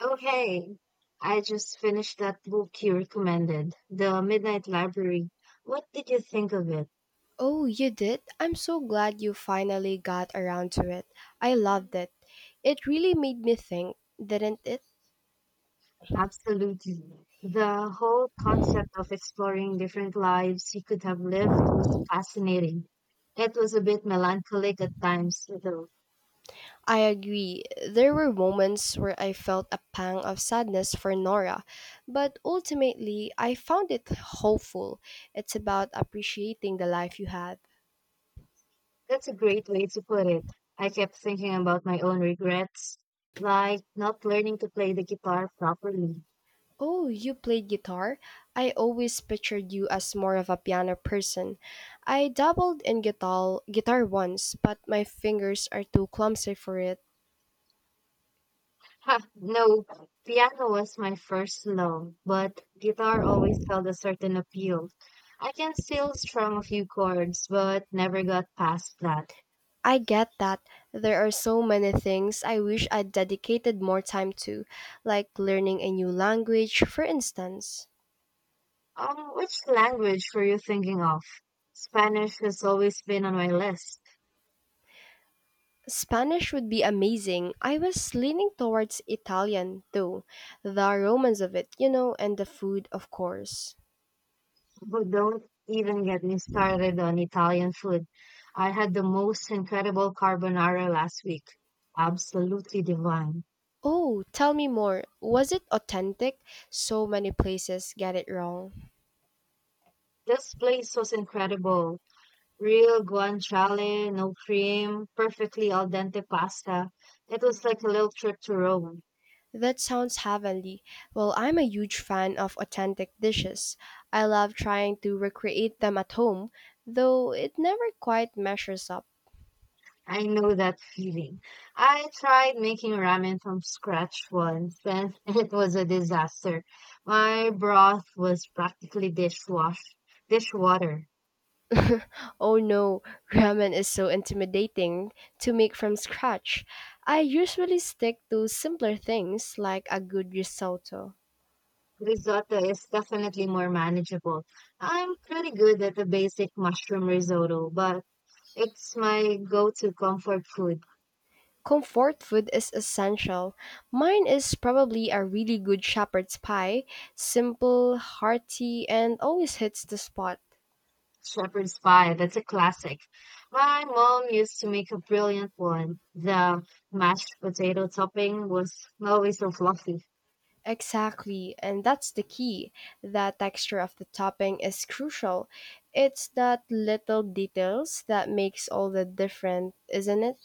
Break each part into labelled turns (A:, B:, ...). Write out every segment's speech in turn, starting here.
A: Okay, I just finished that book you recommended, The Midnight Library. What did you think of it?
B: Oh, you did? I'm so glad you finally got around to it. I loved it. It really made me think, didn't it?
A: Absolutely. The whole concept of exploring different lives you could have lived was fascinating. It was a bit melancholic at times, though.
B: I agree. There were moments where I felt a pang of sadness for Nora, but ultimately I found it hopeful. It's about appreciating the life you had.
A: That's a great way to put it. I kept thinking about my own regrets, like not learning to play the guitar properly.
B: Oh, you played guitar? I always pictured you as more of a piano person. I dabbled in guitar once, but my fingers are too clumsy for it.
A: Ha, no, piano was my first love, but guitar always held a certain appeal. I can still strum a few chords, but never got past that.
B: I get that. There are so many things I wish I'd dedicated more time to, like learning a new language, for instance.
A: Which language were you thinking of? Spanish has always been on my list,
B: Spanish would be amazing. I was leaning towards Italian, though. The romance of it, and the food, of course.
A: but don't even get me started on Italian food. I had the most incredible carbonara last week. Absolutely divine.
B: Oh, tell me more. Was it authentic? So many places get it wrong.
A: This place was incredible. Real guanciale, no cream, perfectly al dente pasta. It was like a little trip to Rome.
B: That sounds heavenly. Well, I'm a huge fan of authentic dishes. I love trying to recreate them at home, though it never quite measures up.
A: I know that feeling. I tried making ramen from scratch once and it was a disaster. My broth was practically dishwash dishwater.
B: Oh no, ramen is so intimidating to make from scratch. I usually stick to simpler things like a good risotto.
A: Risotto is definitely more manageable. I'm pretty good at the basic mushroom risotto, but it's my go-to comfort food.
B: Comfort food is essential. Mine is probably a really good shepherd's pie, simple, hearty, and always hits the spot.
A: Shepherd's Pie, that's a classic. My mom used to make a brilliant one. The mashed potato topping was always so fluffy.
B: Exactly, and that's the key. The texture of the topping is crucial. It's that little details that makes all the difference, isn't it?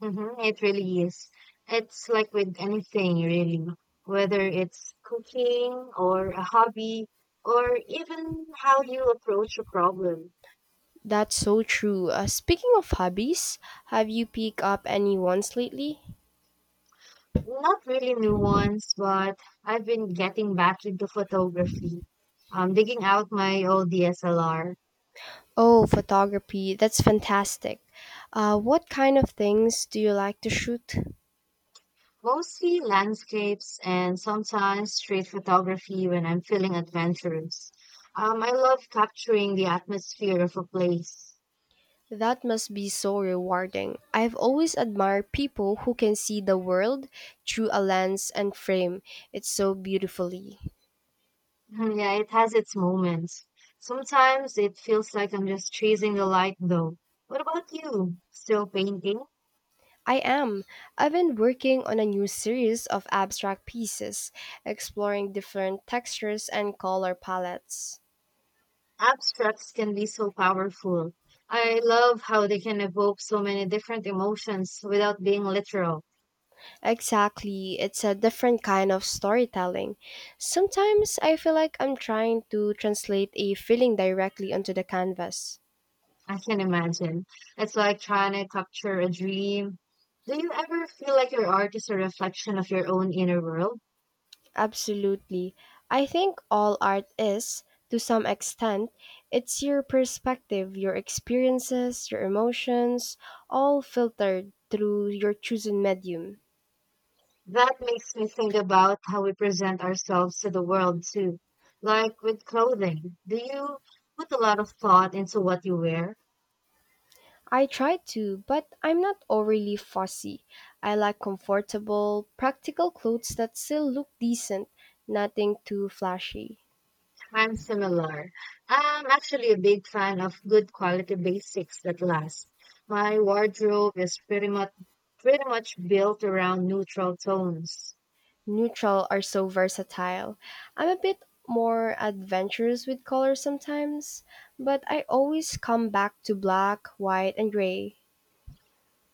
A: It really is. It's like with anything, really, whether it's cooking or a hobby or even how you approach a problem.
B: That's so true. Speaking of hobbies, have you picked up any ones lately?
A: Not really new ones, but I've been getting back into photography. I'm digging out my old DSLR.
B: Oh, photography. That's fantastic. What kind of things do you like to shoot?
A: Mostly landscapes and sometimes street photography when I'm feeling adventurous. I love capturing the atmosphere of a place.
B: That must be so rewarding. I've always admired people who can see the world through a lens and frame it so beautifully.
A: Yeah, it has its moments. Sometimes it feels like I'm just chasing the light, though. What about you? Still painting?
B: I am. I've been working on a new series of abstract pieces, exploring different textures and color palettes.
A: Abstracts can be so powerful. I love how they can evoke so many different emotions without being literal.
B: Exactly, it's a different kind of storytelling. Sometimes I feel like I'm trying to translate a feeling directly onto the canvas.
A: I can imagine. It's like trying to capture a dream. Do you ever feel like your art is a reflection of your own inner world?
B: Absolutely. I think all art is, to some extent, it's your perspective, your experiences, your emotions, all filtered through your chosen medium.
A: That makes me think about how we present ourselves to the world too. Like with clothing, do you put a lot of thought into what you wear?
B: I try to, but I'm not overly fussy. I like comfortable, practical clothes that still look decent, nothing too flashy.
A: I'm similar. I'm actually a big fan of good quality basics that last. My wardrobe is pretty much built around neutral tones.
B: Neutral are so versatile. I'm a bit more adventurous with color sometimes, but I always come back to black, white, and gray.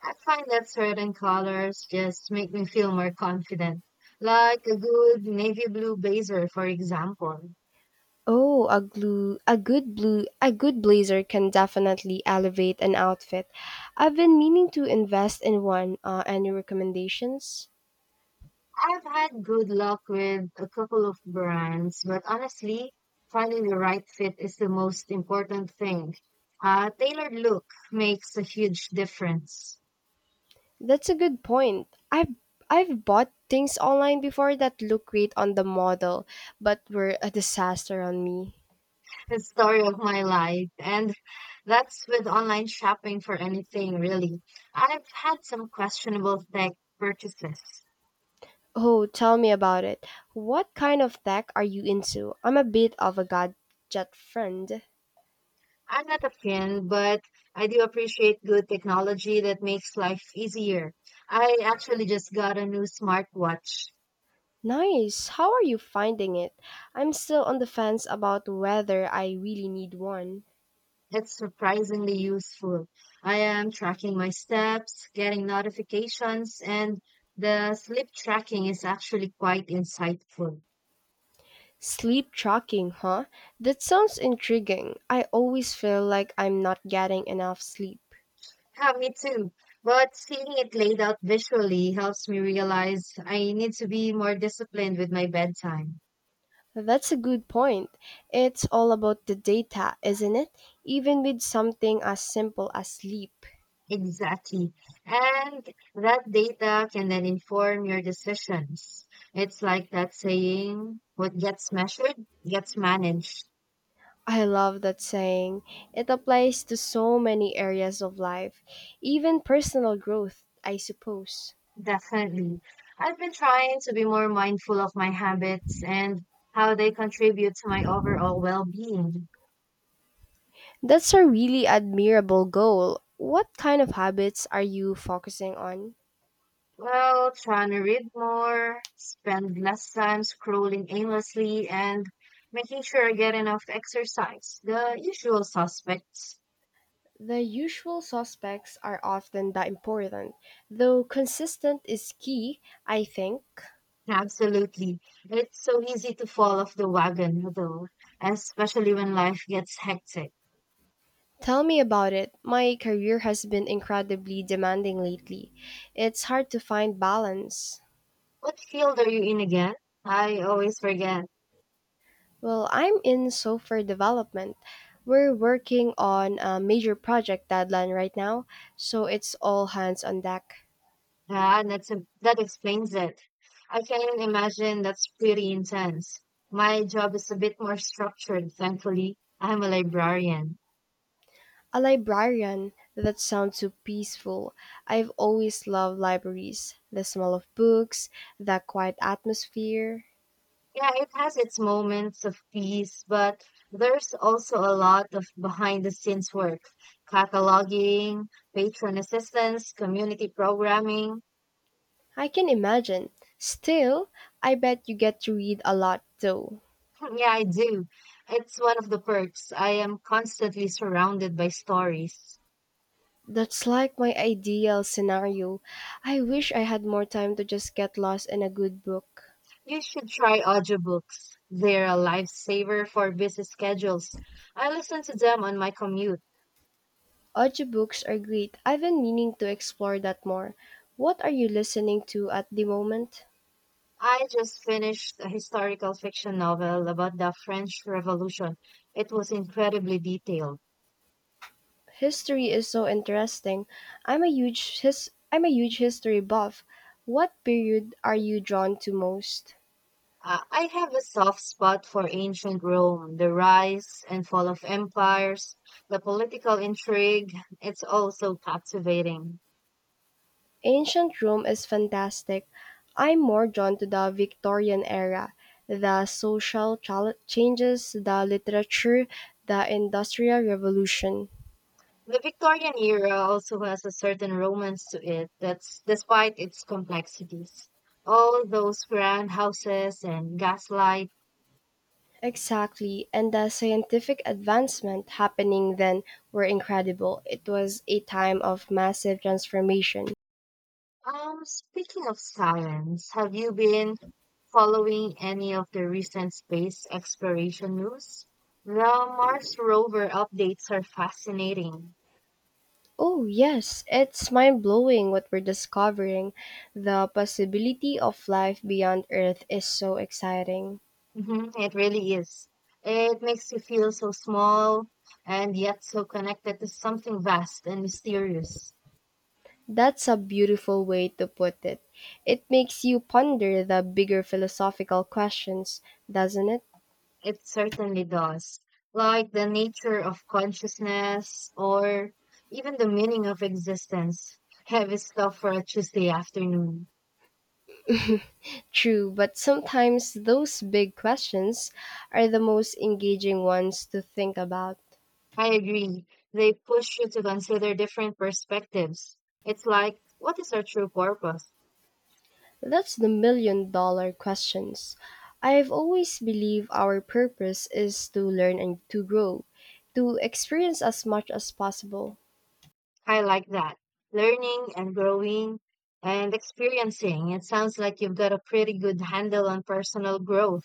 A: I find that certain colors just make me feel more confident, like a good navy blue blazer, for example.
B: Oh, a glue, a good blue, a good blazer can definitely elevate an outfit. I've been meaning to invest in one. Any recommendations?
A: I've had good luck with a couple of brands, but honestly, finding the right fit is the most important thing. A tailored look makes a huge difference.
B: That's a good point. I've bought things online before that look great on the model, but were a disaster on me.
A: The story of my life, and that's with online shopping for anything really. I've had some questionable tech purchases.
B: Oh, tell me about it. What kind of tech are you into? I'm a bit of a gadget friend.
A: I'm not a fan, but I do appreciate good technology that makes life easier. I actually just got a new smartwatch.
B: Nice. How are you finding it? I'm still on the fence about whether I really need one.
A: It's surprisingly useful. I am tracking my steps, getting notifications, and the sleep tracking is actually quite insightful.
B: Sleep tracking, huh? That sounds intriguing. I always feel like I'm not getting enough sleep.
A: Yeah, me too. But seeing it laid out visually helps me realize I need to be more disciplined with my bedtime.
B: That's a good point. It's all about the data, isn't it? Even with something as simple as sleep.
A: Exactly. And that data can then inform your decisions. It's like that saying, what gets measured gets managed.
B: I love that saying. It applies to so many areas of life, even personal growth, I suppose.
A: Definitely. I've been trying to be more mindful of my habits and how they contribute to my overall well-being.
B: That's a really admirable goal. What kind of habits are you focusing on?
A: Well, trying to read more, spend less time scrolling aimlessly, and making sure I get enough exercise. The usual suspects.
B: The usual suspects are often the important, though consistent is key, I think.
A: Absolutely. It's so easy to fall off the wagon, though, especially when life gets hectic.
B: Tell me about it. My career has been incredibly demanding lately. It's hard to find balance.
A: What field are you in again? I always forget.
B: Well, I'm in software development. We're working on a major project deadline right now, so it's all hands on deck.
A: Ah, that explains it. I can imagine that's pretty intense. My job is a bit more structured, thankfully. I'm a librarian.
B: A librarian. That sounds so peaceful. I've always loved libraries. The smell of books, the quiet atmosphere.
A: Yeah, it has its moments of peace, but there's also a lot of behind the scenes work, cataloging, patron assistance, community programming.
B: I can imagine. Still, I bet you get to read a lot though.
A: Yeah, I do. It's one of the perks. I am constantly surrounded by stories.
B: That's like my ideal scenario. I wish I had more time to just get lost in a good book.
A: You should try audiobooks. They're a lifesaver for busy schedules. I listen to them on my commute.
B: Audiobooks are great. I've been meaning to explore that more. What are you listening to at the moment?
A: I just finished a historical fiction novel about the French Revolution. It was incredibly detailed.
B: History is so interesting. I'm a huge history buff. What period are you drawn to most?
A: I have a soft spot for ancient Rome, the rise and fall of empires, the political intrigue. It's all so captivating.
B: Ancient Rome is fantastic. I'm more drawn to the Victorian era, the changes, the literature, the industrial revolution.
A: The Victorian era also has a certain romance to it that's despite its complexities. All those grand houses and gaslight.
B: Exactly, and the scientific advancement happening then were incredible. It was a time of massive transformation.
A: Speaking of silence, have you been following any of the recent space exploration news? The Mars rover updates are fascinating.
B: Oh, yes, it's mind blowing what we're discovering. The possibility of life beyond Earth is so exciting.
A: Mhm, it really is. It makes you feel so small and yet so connected to something vast and mysterious.
B: That's a beautiful way to put it. It makes you ponder the bigger philosophical questions, doesn't it?
A: It certainly does. Like the nature of consciousness or even the meaning of existence. Heavy stuff for a Tuesday afternoon.
B: True, but sometimes those big questions are the most engaging ones to think about.
A: I agree. They push you to consider different perspectives. It's like, what is our true purpose?
B: That's the million dollar questions. I've always believed our purpose is to learn and to grow, to experience as much as possible.
A: I like that. Learning and growing and experiencing. It sounds like you've got a pretty good handle on personal growth.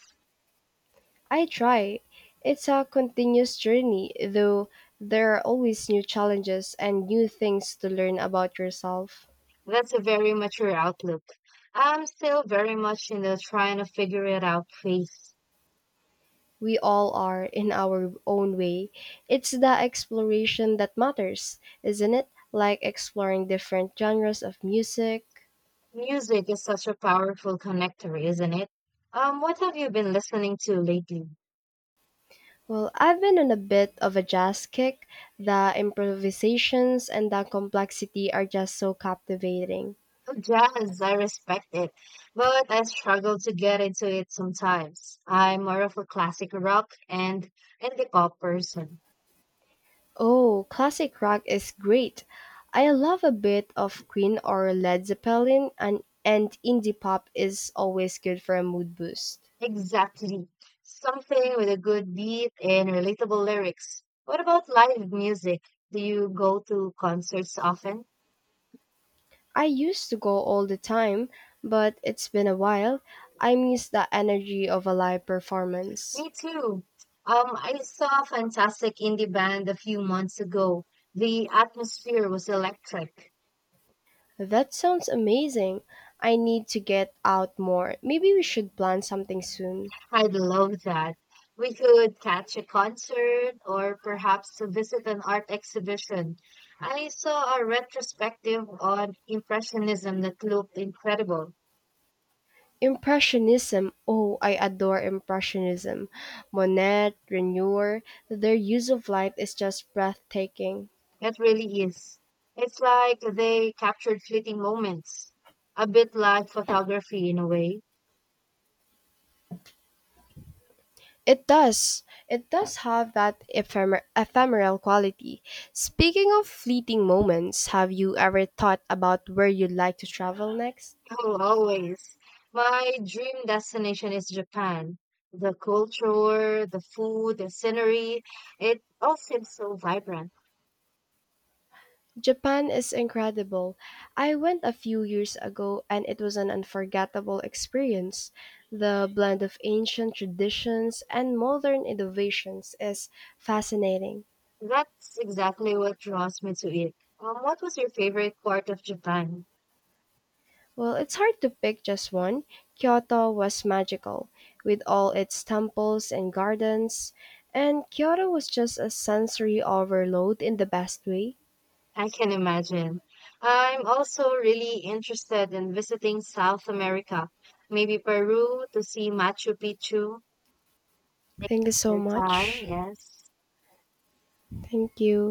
B: I try. It's a continuous journey, though there are always new challenges and new things to learn about yourself.
A: That's a very mature outlook. I'm still very much in the trying to figure it out phase.
B: We all are in our own way. It's the exploration that matters, isn't it? Like exploring different genres of music.
A: Music is such a powerful connector, isn't it? What have you been listening to lately?
B: Well, I've been on a bit of a jazz kick. The improvisations and the complexity are just so captivating.
A: Oh, Jazz, I respect it, but I struggle to get into it sometimes. I'm more of a classic rock and indie pop person.
B: Oh, classic rock is great. I love a bit of Queen or Led Zeppelin and indie pop is always good for a mood boost.
A: Exactly. Something with a good beat and relatable lyrics. What about live music? Do you go to concerts often?
B: I used to go all the time, but it's been a while. I miss the energy of a live performance.
A: Me too. I saw Fantastic Indie Band a few months ago. The atmosphere was electric.
B: That sounds amazing. I need to get out more. Maybe we should plan something soon.
A: I'd love that. We could catch a concert or perhaps to visit an art exhibition. I saw a retrospective on Impressionism that looked incredible.
B: Impressionism. Oh, I adore Impressionism. Monet, Renoir, their use of light is just breathtaking.
A: It really is. It's like they captured fleeting moments, a bit like photography in a way.
B: It does. It does have that ephemeral quality. Speaking of fleeting moments, have you ever thought about where you'd like to travel next?
A: Oh, always. My dream destination is Japan. The culture, the food, the scenery, it all seems so vibrant.
B: Japan is incredible. I went a few years ago and it was an unforgettable experience. The blend of ancient traditions and modern innovations is fascinating.
A: That's exactly what draws me to it. What was your favorite part of Japan?
B: Well, it's hard to pick just one. Kyoto was magical, with all its temples and gardens, and Kyoto was just a sensory overload in the best way.
A: I can imagine. I'm also really interested in visiting South America, maybe Peru to see Machu Picchu. Thank
B: Thank
A: you
B: you
A: for
B: so
A: your time.
B: much.
A: Yes.
B: Thank you.